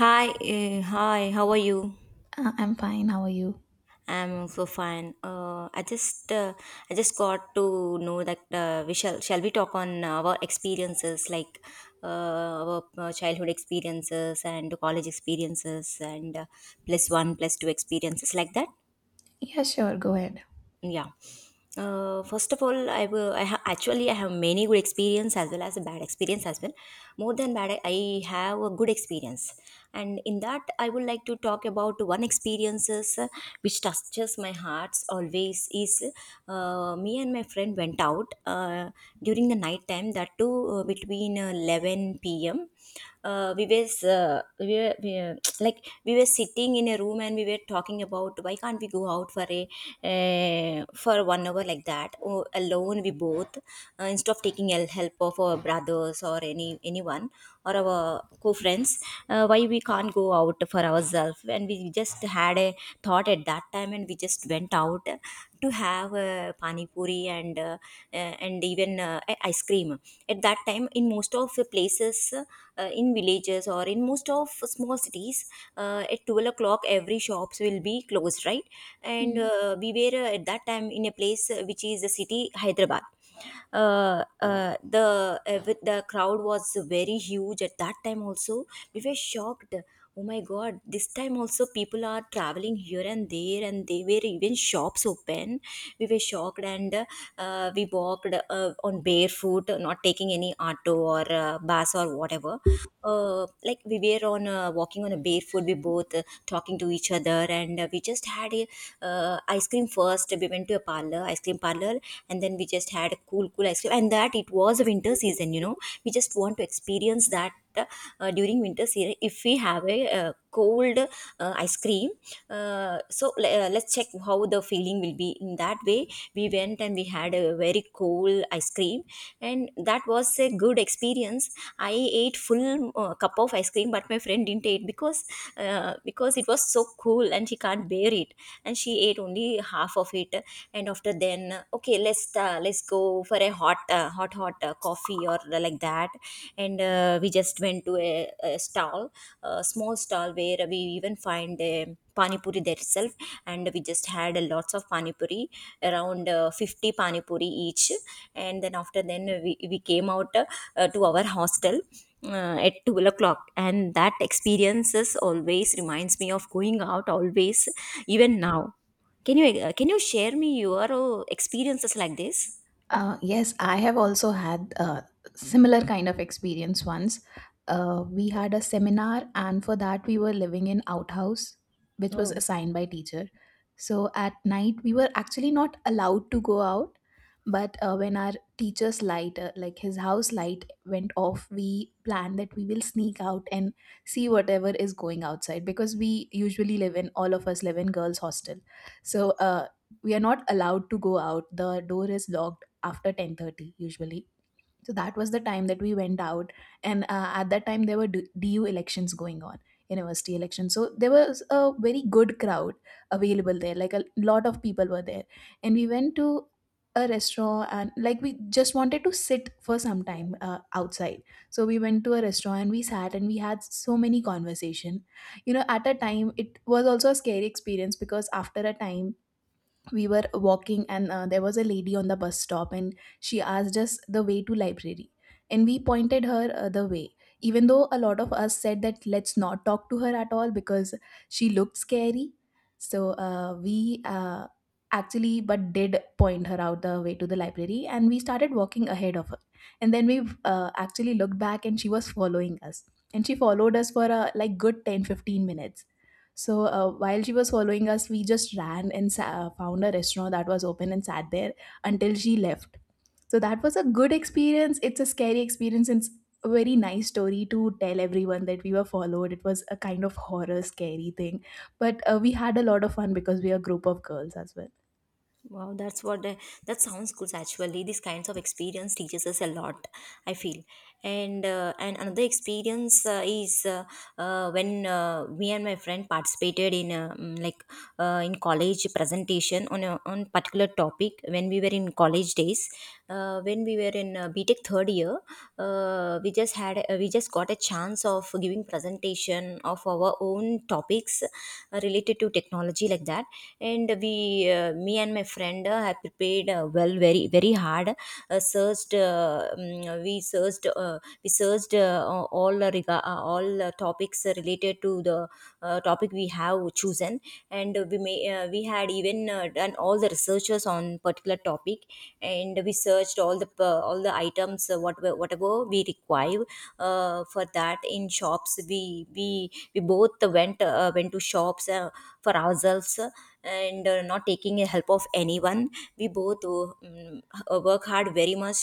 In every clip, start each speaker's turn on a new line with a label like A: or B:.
A: Hi, hi. How are you?
B: I'm fine. How are you?
A: I'm also fine. I just got to know that shall we talk on our experiences, like our childhood experiences and college experiences and plus one, plus two experiences, like that.
B: Yeah, sure. Go ahead.
A: Yeah. First of all, I will I ha- actually I have many good experience as well as a bad experience as well. More than bad, I have a good experience, and in that I would like to talk about one experiences, which touches my hearts always is me and my friend went out during the night time, that too between 11 p.m. uh, we were, uh, we were we, were- like we were sitting in a room, and we were talking about why can't we go out for a for 1 hour, like that, or alone we both, instead of taking help of our brothers or anyone, or our co-friends. Why we can't go out for ourselves, and we just had a thought at that time, and we just went out to have pani puri and, even ice cream. At that time, in most of the places, in villages or in most of small cities, at 12 o'clock every shops will be closed, right? And
B: Hmm.
A: we were, at that time, in a place which is the city Hyderabad. The with the crowd was very huge at that time also. We were shocked. Oh my god, this time also people are traveling here and there, and they were even shops open. We were shocked. And we walked on barefoot, not taking any auto or bus or whatever. Like we were on walking on a barefoot, we both talking to each other, and we just had a, ice cream. First we went to a parlor, ice cream parlor, and then we just had a cool cool ice cream. And that, it was a winter season. We just want to experience that. During winter season, if we have a cold ice cream, let's check how the feeling will be in that way. We went and we had a very cold ice cream, and that was a good experience. I ate full cup of ice cream, but my friend didn't eat because, because it was so cool and she can't bear it, and she ate only half of it. And after then, okay, let's go for a hot, hot hot coffee, or like that. And we just went to a stall, a small stall where we even find a pani puri there itself, and we just had lots of pani puri, around 50 pani puri each. And then after then, we came out to our hostel at 2 o'clock, and that experiences always reminds me of going out always, even now. Can you share me your experiences like this?
B: Yes, I have also had a similar kind of experience once. We
A: Okay.
B: had a seminar, and for that we were living in outhouse, which was
A: Oh.
B: assigned by teacher. So at night we were actually not allowed to go out, but when our teacher's light, like his house light, went off, we planned that we will sneak out and see whatever is going outside because we usually live in all of us live in girls' hostel. So we are not allowed to go out. The door is locked after 10:30 usually, so that was the time that we went out. And at that time there were D- du elections going on, university elections, so there was a very good crowd available there, like a lot of people were there. And we went to a restaurant, and like we just wanted to sit for some time outside. So we went to a restaurant and we sat and we had so many conversation. At a time it was also a scary experience, because after a time we were walking, and there was a lady on the bus stop and she asked us the way to library, and we pointed her the way, even though a lot of us said that let's not talk to her at all because she looked scary. So we actually but did point her out the way to the library, and we started walking ahead of her. And then we actually looked back and she was following us, and she followed us for a like good 10 to 15 minutes. So while she was following us, we just ran and found a restaurant that was open and sat there until she left. So that was a good experience. It's a scary experience. It's a very nice story to tell everyone that we were followed. It was a kind of horror, scary thing. But we had a lot of fun because we are a group of girls as well.
A: Wow, that sounds good. Actually, these kinds of experience teaches us a lot, I feel. And another experience is, when, me and my friend participated in like, in college presentation on a on particular topic when we were in college days. When we were in B Tech third year, we just got a chance of giving presentation of our own topics related to technology, like that. And we me and my friend have prepared well, very very hard. Searched mm, we searched we searched, all, all topics related to the topic we have chosen. And we had even done all the researches on particular topic, and we searched all the items, whatever we require for that in shops. We both went, went to shops for ourselves, and not taking the help of anyone. We both, work hard very much,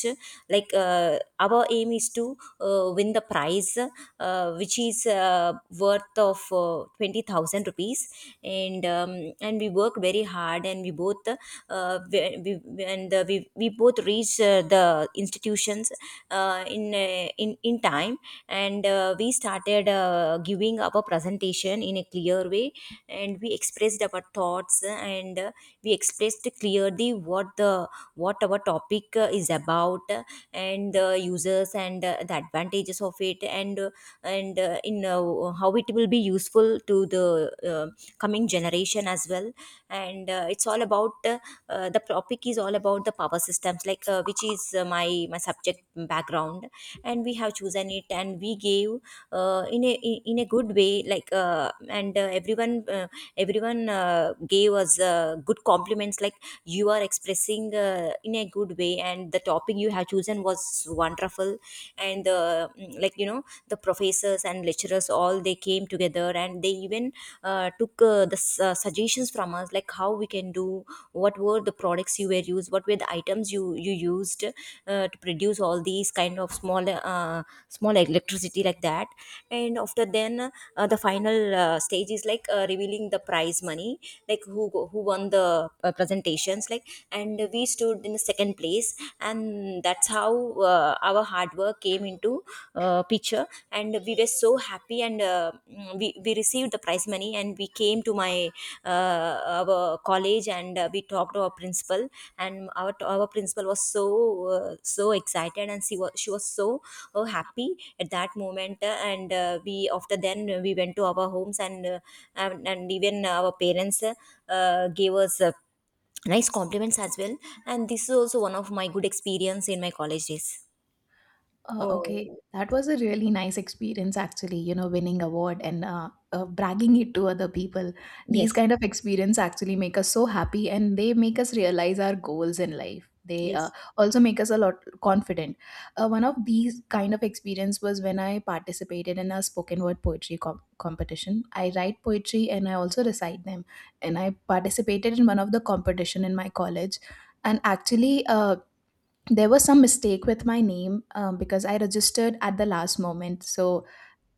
A: like, our aim is to win the prize, which is worth of 20,000 rupees. And we work very hard, and we both, we both reach the institutions, in time, and we started, giving our presentation in a clear way, and we expressed our thoughts, and we expressed clearly what our topic is about, and the users, and the advantages of it, and in how it will be useful to the, uh, coming generation as well. And it's all about the topic is all about the power systems, like, which is my subject background, and we have chosen it, and we gave, in a good way, like, and everyone everyone gave us good compliments like, "You are expressing in a good way, and the topic you have chosen was wonderful." And like, the professors and lecturers, all they came together, and they even took, suggestions from us, like, how we can do, what were the products you were used, what were the items you used to produce all these kind of small, small electricity, like that. And after then, the final stage is, like, revealing the prize money, like, who won the presentations, like, and we stood in the second place, and that's how our hard work came into, picture, and we were so happy. And we received the prize money, and we came to my our college, and we talked to our principal, and our principal was so, so excited, and she was so happy at that moment, and we after then we went to our homes, and and even our parents, gave us nice compliments as well, and this is also one of my good experience in my college days.
B: Okay,
A: Oh.
B: that was a really nice experience, actually. You know, winning award and bragging it to other people. These
A: Yes.
B: kind of experience actually make us so happy, and they make us realize our goals in life. They
A: Yes.
B: also make us a lot confident. One of these kind of experience was when I participated in a spoken word poetry competition. I write poetry and I also recite them, and I participated in one of the competition in my college. And actually, there was some mistake with my name, because I registered at the last moment. So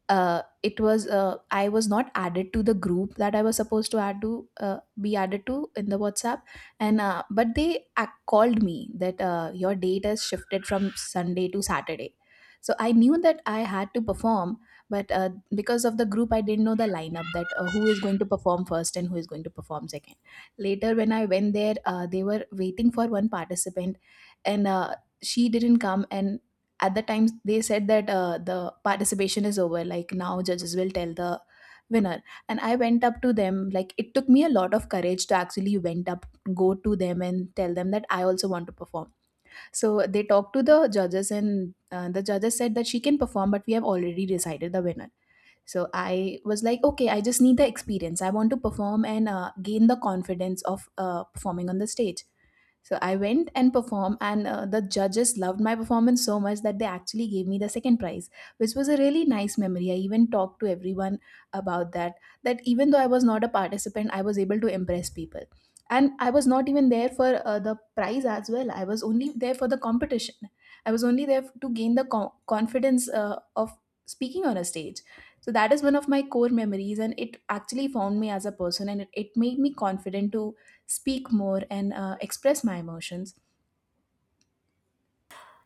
B: it was I was not added to the group that I was supposed to add to, be added to, in the WhatsApp, and but they called me that your date has shifted from Sunday to Saturday. So I knew that I had to perform, but because of the group, I didn't know the lineup, that who is going to perform first and who is going to perform second. Later, when I went there, they were waiting for one participant, and she didn't come, and at the time they said that the participation is over, like now judges will tell the winner. And I went up to them, like it took me a lot of courage to actually went up go to them and tell them that I also want to perform. So they talked to the judges, and the judges said that she can perform, but we have already decided the winner. So I was like, okay, I just need the experience, I want to perform and gain the confidence of performing on the stage. So I went and performed, and the judges loved my performance so much that they actually gave me the second prize, which was a really nice memory. I even talked to everyone about that, that even though I was not a participant, I was able to impress people. And I was not even there for the prize as well. I was only there for the competition. I was only there to gain the confidence of speaking on a stage. So that is one of my core memories, and it actually formed me as a person, and it made me confident to speak more and express my emotions.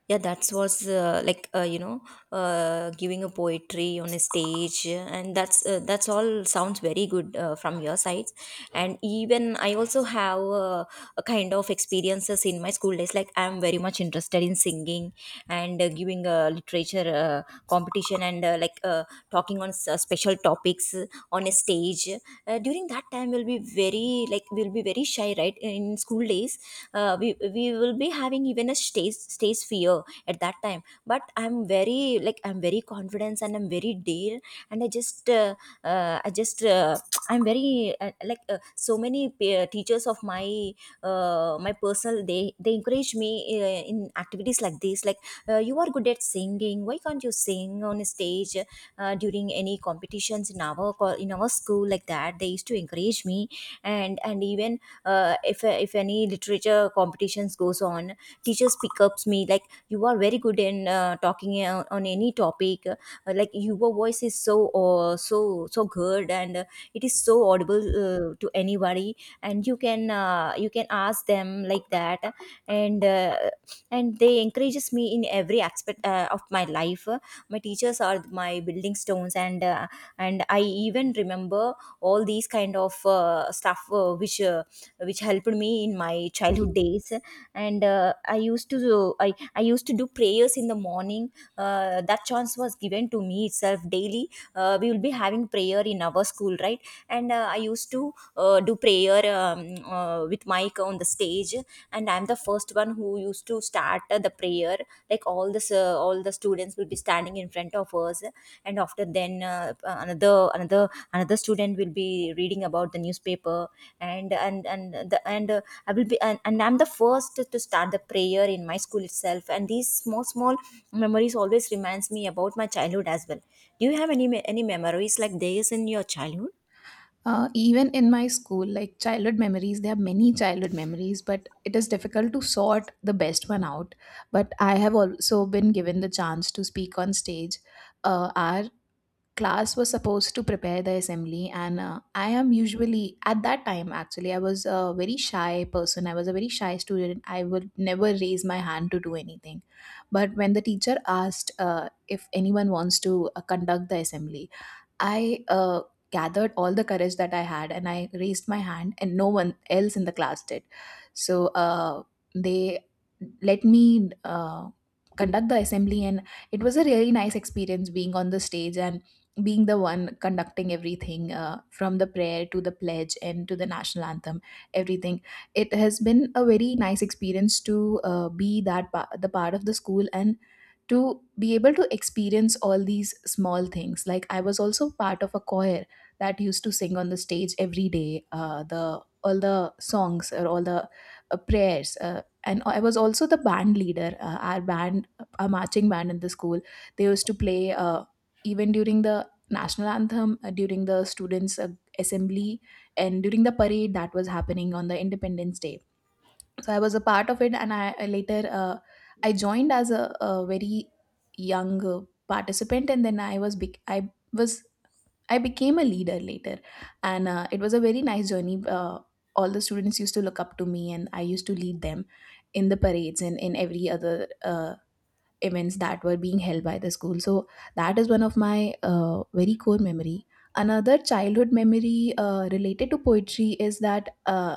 A: Yeah, that was like, giving a poetry on a stage, and that's all sounds very good from your sides. And even I also have a kind of experiences in my school days, like, I'm very much interested in singing, and giving a literature competition, and, like, talking on special topics on a stage. During that time we'll be very, like, we'll be very shy, right, in school days. We will be having even a stage stage fear at that time, but I'm very, like, I'm very confident and I'm very dare. And I just I'm very like, so many peer teachers of my personal, they encourage me in activities like this, like, you are good at singing, why can't you sing on a stage during any competitions in in our school, like that, they used to encourage me. And even, if any literature competitions goes on, teachers pick ups me like, "You are very good in talking on any topic, like your voice is so so so good, and it is so audible to anybody, and you can ask them like that." And uh, and they encourages me in every aspect of my life. My teachers are my building stones, and I even remember all these kind of, stuff, which helped me in my childhood days. And I used to do prayers in the morning. That chance was given to me itself daily. We will be having prayer in our school, right? And I used to do prayer with mic on the stage, and I'm the first one who used to start the prayer. Like, all the students will be standing in front of us, and after then, another student will be reading about the newspaper. And the and I will be and I'm the first to start the prayer in my school itself, and these small small memories always reminds me about my childhood as well. Do you have any memories like this in your childhood?
B: Even in my school, like childhood memories, there are many childhood memories, but it is difficult to sort the best one out. But I have also been given the chance to speak on stage. Our class was supposed to prepare the assembly, and I am usually at that time actually, I was a very shy person, I was a very shy student, I would never raise my hand to do anything. But when the teacher asked if anyone wants to conduct the assembly, I gathered all the courage that I had and I raised my hand, and no one else in the class did. So they let me conduct the assembly, and it was a really nice experience being on the stage and being the one conducting everything, from the prayer to the pledge and to the national anthem, everything. It has been a very nice experience to be that the part of the school, and to be able to experience all these small things. Like I was also part of a choir that used to sing on the stage every day, the all the songs or all the prayers, and I was also the band leader. Our band, a marching band in the school, they used to play even during the national anthem, during the students, assembly, and during the parade that was happening on the independence day. So I was a part of it, and I later I joined as a very young participant, and then I was bec- I was I became a leader later. And it was a very nice journey, all the students used to look up to me and I used to lead them in the parades and in every other uh, events that were being held by the school. So that is one of my very core memory. Another childhood memory related to poetry is that,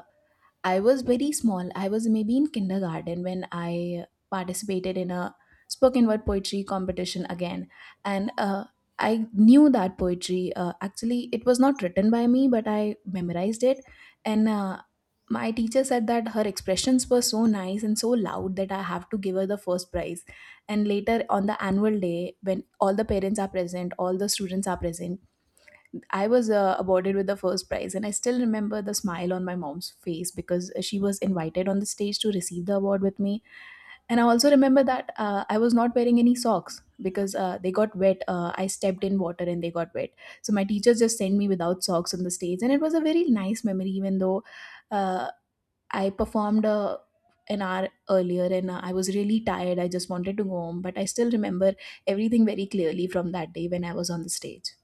B: I was very small. I was maybe in kindergarten when I participated in a spoken word poetry competition again. And I knew that poetry. Actually, it was not written by me, but I memorized it. And my teacher said that her expressions were so nice and so loud that I have to give her the first prize. And later on the annual day, when all the parents are present, all the students are present, I was awarded with the first prize, and I still remember the smile on my mom's face because she was invited on the stage to receive the award with me. And I also remember that I was not wearing any socks because they got wet. I stepped in water and they got wet. So my teacher just sent me without socks on the stage, and it was a very nice memory, even though uh, I performed an hour earlier, and I was really tired. I just wanted to go home, but I still remember everything very clearly from that day when I was on the stage.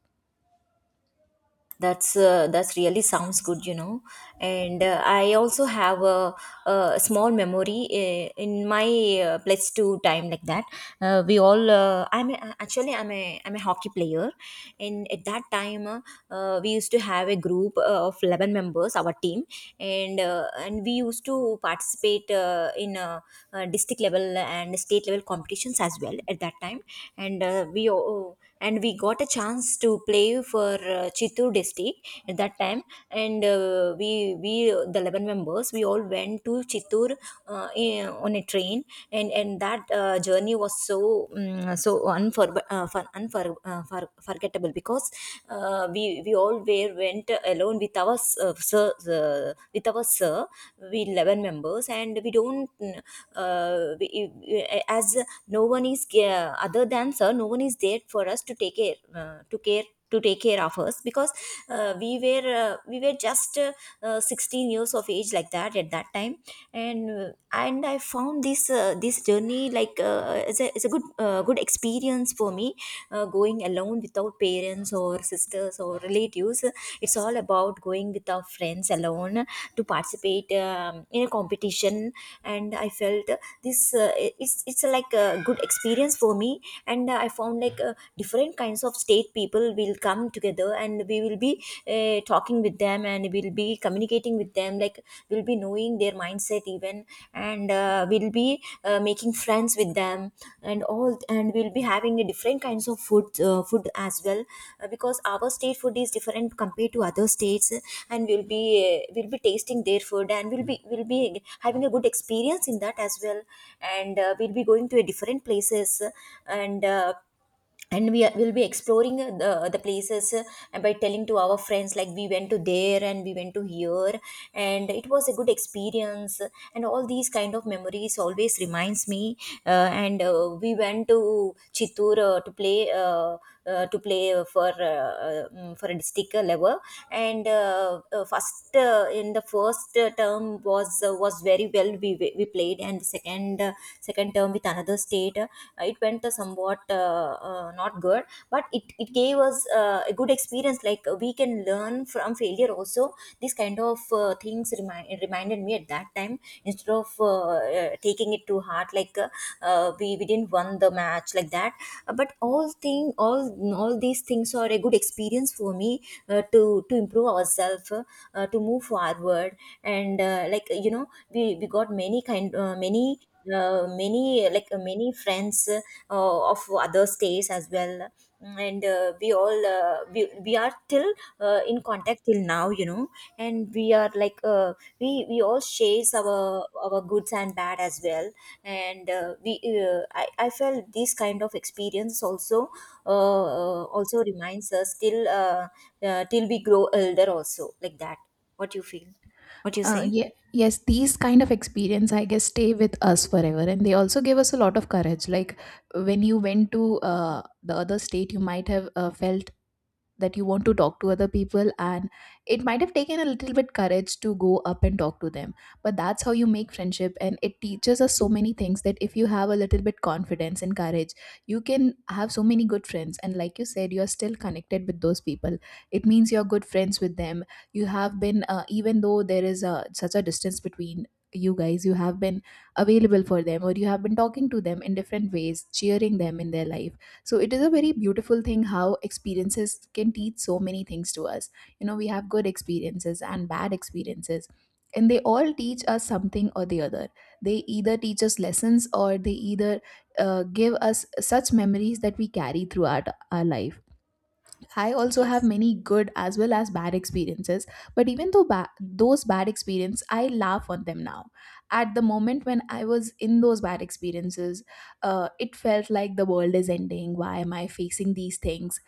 A: That's really sounds good, And I also have a small memory in my plus two time, like that. We all I'm a, Actually I'm a hockey player. And at that time, we used to have a group of 11 members, our team. And we used to participate in district level and state level competitions as well at that time. And uh, we uh, and we got a chance to play for Chittoor district at that time. And we the 11 members we all went to Chittoor on a train. And that journey was so forgettable, because we all were went alone with our uh, sir sir. We 11 members, and we don't uh, we, we- as no one is other than answer no one is there for us to take care, to take care of us, because we were just 16 years of age, like that, at that time. And I found this journey like, it's a good experience for me, going alone without parents or sisters or relatives. It's all about going with our friends alone to participate in a competition. And I felt this it's like a good experience for me. And I found, like, different kinds of state people will come together, and we will be talking with them, and we'll be communicating with them, like, we'll be knowing their mindset even. And we'll be making friends with them and all, and we'll be having a different kinds of food as well, because our state food is different compared to other states. And we'll be tasting their food, and we'll be having a good experience in that as well. And we'll be going to a different places, and uh, and we will be exploring the places. And by telling to our friends, like, we went to there and we went to here, and it was a good experience. And all these kind of memories always reminds me. And We went to Chittur to play, for a district level. And first, in the first term was very well, we played. And the second term with another state, it went somewhat not good. But it gave us a good experience, like, we can learn from failure also. This kind of things reminded me at that time, instead of taking it to heart, like, we didn't won the match, like that. But all these things are a good experience for me, to improve ourselves, to move forward. And like, we got many kind, many, many friends, of other states as well. And we all, we are till in contact till now. And we are, like, we all shares our goods and bad as well. And I felt this kind of experience also also reminds us till we grow older also, like that. What you feel? What you
B: Uh,
A: say?
B: yeah, yes, these kind of experience, I guess, stay with us forever, and they also give us a lot of courage. Like when you went to the other state, you might have felt that you want to talk to other people, and it might have taken a little bit courage to go up and talk to them. But that's how you make friendship, and it teaches us so many things, that if you have a little bit confidence and courage, you can have so many good friends. And like you said, you're still connected with those people, it means you're good friends with them. You have been, even though there is such a distance between you guys, you have been available for them, or you have been talking to them in different ways, cheering them in their life. So it is a very beautiful thing how experiences can teach so many things to us. You know, we have good experiences and bad experiences, and they all teach us something or the other. They either teach us lessons, or they either give us such memories that we carry throughout our life. I also have
A: Yes,
B: many good as well as bad experiences, but even though those bad experiences, I laugh on them now. At the moment when I was in those bad experiences, it felt like the world is ending. Why am I facing these things?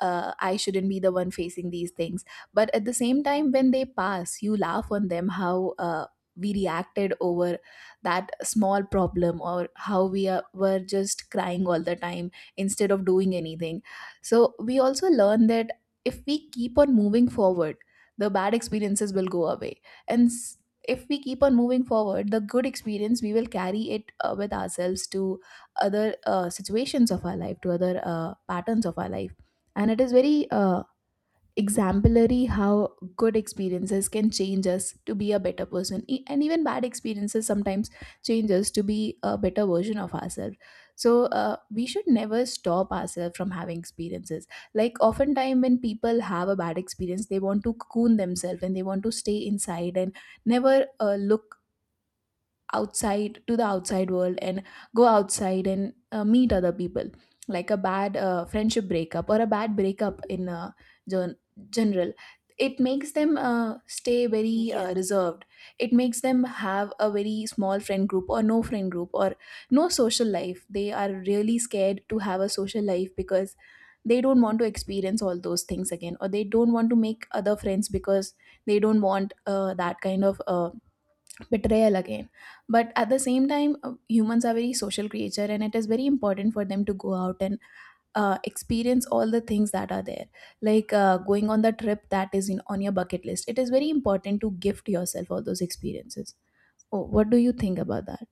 B: I shouldn't be the one facing these things. But at the same time, when they pass, you laugh on them how we reacted over that small problem, or how we were just crying all the time instead of doing anything. So we also learn that if we keep on moving forward, the bad experiences will go away. And s- if we keep on moving forward, the good experience, we will carry it with ourselves to other situations of our life, to other patterns of our life. And it is very exemplary how good experiences can change us to be a better person, and even bad experiences sometimes change us to be a better version of ourselves. So we should never stop ourselves from having experiences. Like, oftentimes when people have a bad experience, they want to cocoon themselves and they want to stay inside, and never look outside to the outside world and go outside and meet other people. Like a bad friendship breakup or a bad breakup in gen- general, it makes them stay very
A: yes.
B: reserved. It makes them have a very small friend group or no friend group, or no social life. They are really scared to have a social life because they don't want to experience all those things again, or they don't want to make other friends because they don't want that kind of betrayal again. But at the same time, humans are very social creature and it is very important for them to go out and experience all the things that are there. Like going on the trip that is in on your bucket list, it is very important to gift yourself all those experiences. Oh, what do you think about that?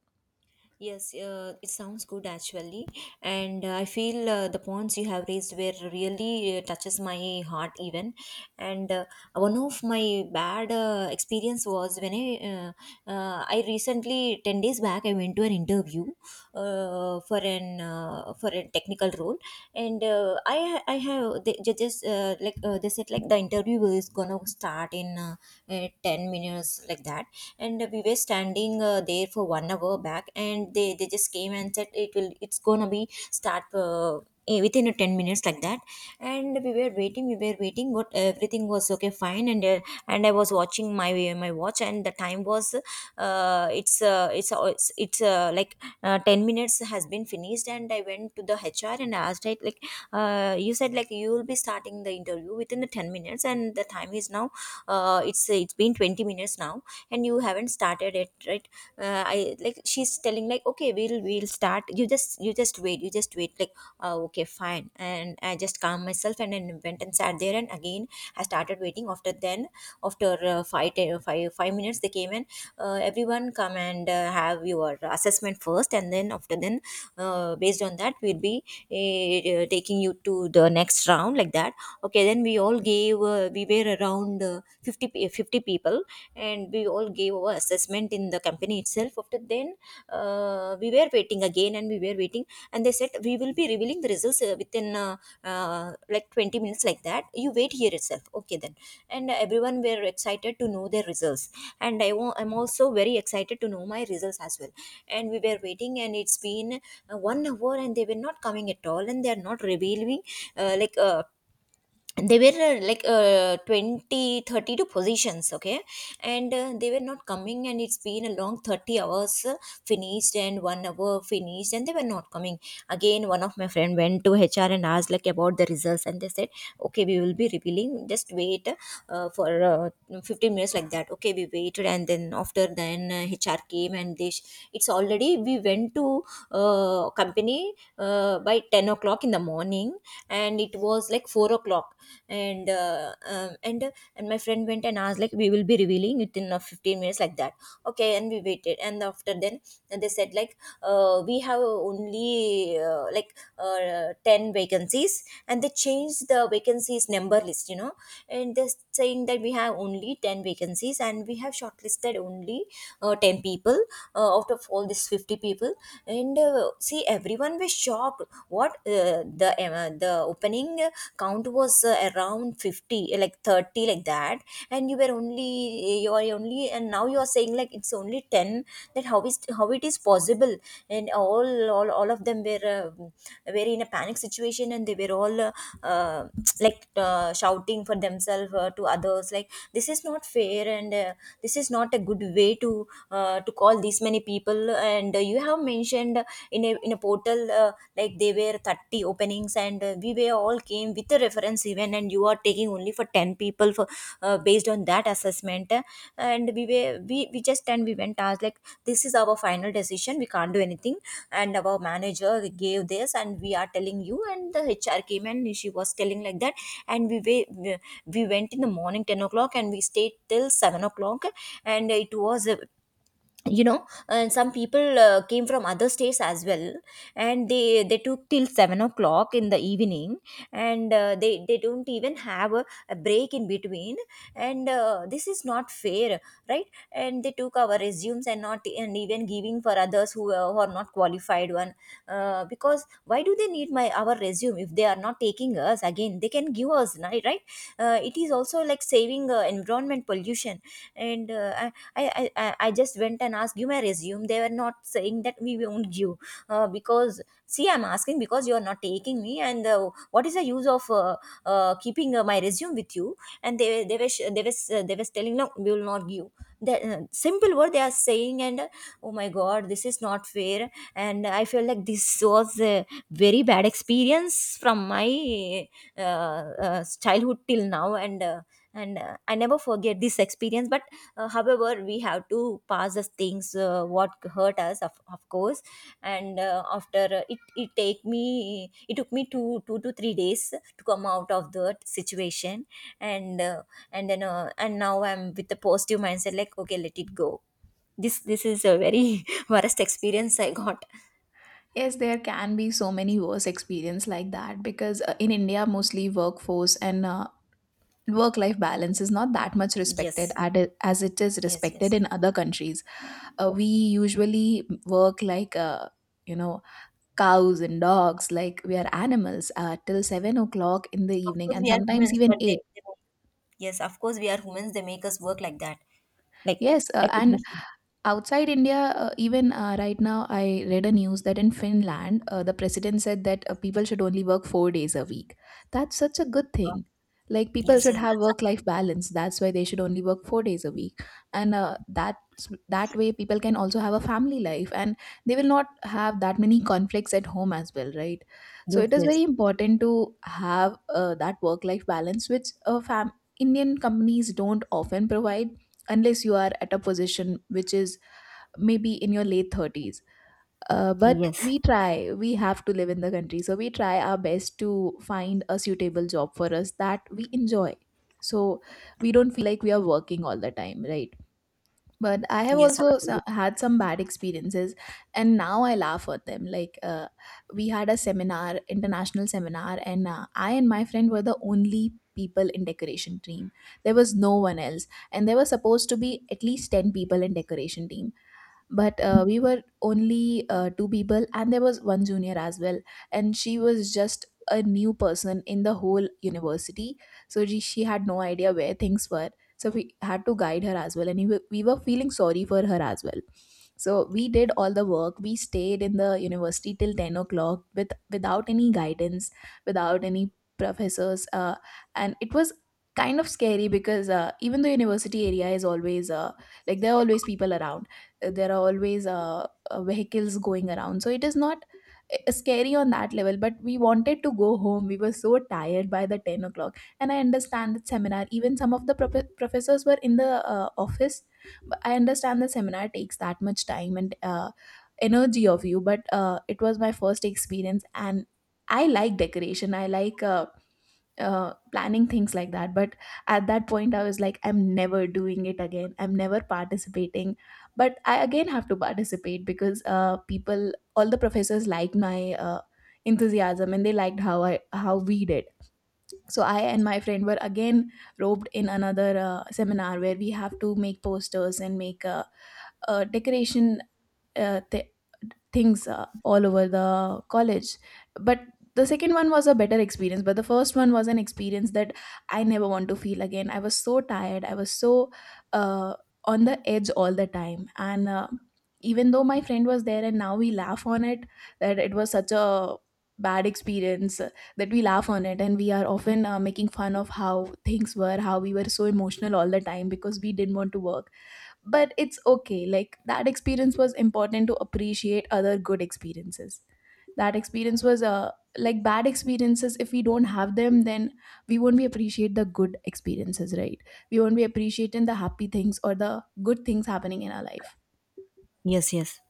A: Yes, it sounds good actually, and I feel the points you have raised were really, touches my heart even. And one of my bad experience was when I recently 10 days back I went to an interview, for a technical role. And uh, I I have they they just they said, like, the interview is gonna start in 10 minutes, like that. And we were standing there for one hour back, and they just came and said it will it's gonna be start, within a 10 minutes, like that. And we were waiting, but everything was okay, fine. And I was watching my watch, and the time was it's like 10 minutes has been finished, and I went to the HR and asked it, like, "You said, like, you will be starting the interview within the 10 minutes, and the time is now, it's been 20 minutes now, and you haven't started it, right?" I like She's telling, like, "Okay, we'll start. You just wait, you just wait, like, Okay, fine. And I just calmed myself, and then went and sat there. And again I started waiting. After then, after 5 minutes, they came and, "Everyone come and have your assessment first, and then after then, based on that, we'll be taking you to the next round," like that. Okay, then we all gave, we were around 50 people, and we all gave our assessment in the company itself. After then, we were waiting again, and we were waiting. And they said, "We will be revealing the results, within 20 minutes, like that. You wait here itself." Okay, then. And everyone were excited to know their results, and I'm also very excited to know my results as well. And we were waiting, and it's been one hour, and they were not coming at all, and they are not revealing. uh, like uh, they were 20 32 positions, okay. And they were not coming, and it's been a long 30 hours finished, and one hour finished, and they were not coming. Again, one of my friend went to HR and asked, like, about the results, and they said, "Okay, we will be revealing, just wait for 15 minutes," like that. Okay, we waited. And then, after then, HR came, and they it's already — we went to company by 10 o'clock in the morning, and it was like 4 o'clock. And uh, um, and uh, and my friend went and asked, like, "We will be revealing it in 15 minutes," like that. Okay, and we waited. And after then, and they said, like, "We have only, 10 vacancies." And they changed the vacancies number list. And they're saying that, "We have only 10 vacancies, and we have shortlisted only 10 people out of all these 50 people." And see, everyone was shocked. "What? The opening count was around 50, like 30, like that. And you were only, you are only, and now you are saying, like, it's only 10. That how is how it is possible?" And all of them were were in a panic situation, and they were all uh, like shouting for themselves, to others, like, "This is not fair, and this is not a good way to to call these many people. And you have mentioned in a portal like, they were 30 openings, and we were all came with a reference event, and you are taking only for 10 people for based on that assessment." And we were, we just and we went as, like, "This is our final decision, we can't do anything. And our manager gave this, and we are telling you." And the HR came, and she was telling like that. And we were, we went in the morning 10 o'clock, and we stayed till 7 o'clock. And it was. And some people came from other states as well, and they took till 7 o'clock in the evening. And they don't even have a break in between. And this is not fair, right? And they took our resumes and not, and even giving for others, who are not qualified one, because why do they need my our resume if they are not taking us? Again, they can give us, right, right. It is also like saving environment pollution. And I just went and asked, "Give my resume." They were not saying that "We won't give," because, see, I'm asking because you are not taking me. And what is the use of keeping my resume with you? And they were sh- they were s- they were telling, "No, we will not give." That simple word they are saying. And oh my god, this is not fair, and I feel like this was a very bad experience from my childhood till now. And I never forget this experience, but however, we have to pass the things what hurt us, of course. And after it took me 2 to 3 days to come out of that situation. And uh, and now I'm with the positive mindset, like, "Okay, let it go." This is a very worst experience I got.
B: Yes, there can be so many worse experience like that, because in india mostly workforce and work life balance is not that much respected
A: Yes,
B: at as it is
A: yes,
B: respected
A: yes.
B: in other countries. We usually work like you know cows and dogs, like we are animals, till 7 o'clock in the
A: Of
B: evening
A: course,
B: and
A: we are
B: sometimes
A: humans,
B: even
A: but they,
B: 8.
A: they yes, of course, we are humans. They make us work like that, like
B: yes uh,
A: like a
B: and
A: machine.
B: Outside India, even right now, I read a news that in Finland, the president said that people should only work 4 days a week. That's such a good thing. Like, people
A: Yes,
B: should
A: yes,
B: have
A: that's —
B: work-life balance. That's why they should only work 4 days a week, and that's that way people can also have a family life, and they will not have that many conflicts at home as well, right? So
A: yes,
B: it is
A: yes.
B: very important to have that work-life balance, which fam Indian companies don't often provide, unless you are at a position which is maybe in your late 30s. But
A: Yes.
B: we try, we have to live in the country, so we try our best to find a suitable job for us that we enjoy, so we don't feel like we are working all the time, right? But I have
A: Yes,
B: also
A: absolutely.
B: had some bad experiences and now I laugh at them. Like we had a seminar, international seminar, and I and my friend were the only people in decoration team. There was no one else, and there were supposed to be at least 10 people in decoration team, but we were only two people and there was one junior as well, and she was just a new person in the whole university, so she had no idea where things were. So we had to guide her as well, and we were feeling sorry for her as well. So we did all the work, we stayed in the university till 10 o'clock with without any guidance, without any professors, and it was kind of scary. Because even the university area is always like there are always people around, there are always vehicles going around, so it is not scary on that level, but we wanted to go home. We were so tired by the 10 o'clock, and I understand that seminar, even some of the professors were in the office. But I understand the seminar takes that much time and energy of you, but it was my first experience, and I like decoration, I like planning things like that. But at that point I was like I'm never doing it again, I'm never participating. But I again have to participate because people, all the professors liked my enthusiasm and they liked how i, how we did. So I and my friend were again roped in another seminar where we have to make posters and make decoration uh, th- things all over the college. But the second one was a better experience, but the first one was an experience that I never want to feel again. I was so tired, I was so uh, on the edge all the time. And even though my friend was there, and now we laugh on it, that it was such a bad experience, that we laugh on it and we are often making fun of how things were, how we were so emotional all the time because we didn't want to work. But it's okay, like that experience was important to appreciate other good experiences. That experience was like bad experiences, if we don't have them, then we won't be appreciate the good experiences, right? We won't be appreciating the happy things or the good things happening in our life.
A: Yes, yes.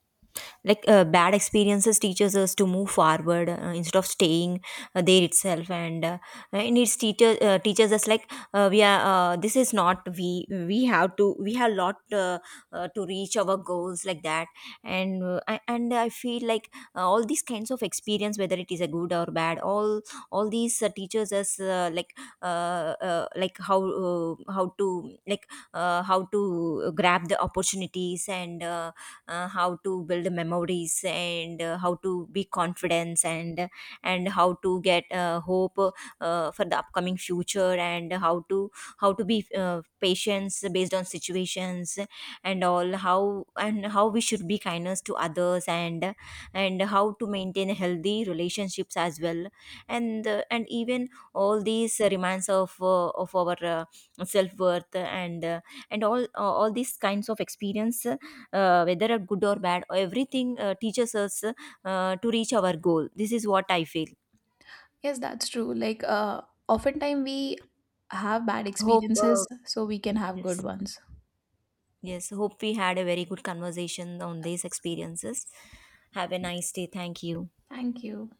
A: Like, bad experiences teaches us to move forward, instead of staying there itself, and it teaches us, like, we are this is not we we have to we have lot, to reach our goals, like that. And I feel like, all these kinds of experience, whether it is a good or bad, all these teaches us, how to grab the opportunities. And, how to build memories, and how to be confidence, and how to get hope for the upcoming future, and how to be patience based on situations. And all, how and how we should be kindness to others, and how to maintain healthy relationships as well. And even all these reminds of our self worth, and and all these kinds of experience, whether are good or bad or everything, teaches us to reach our goal. This is what I feel.
B: Yes, that's true. Like, oftentimes we have bad
A: Hope,
B: experiences so we can have good
A: yes,
B: ones.
A: yes. Hope we had a very good conversation on these experiences. Have a nice day. Thank you.
B: Thank you.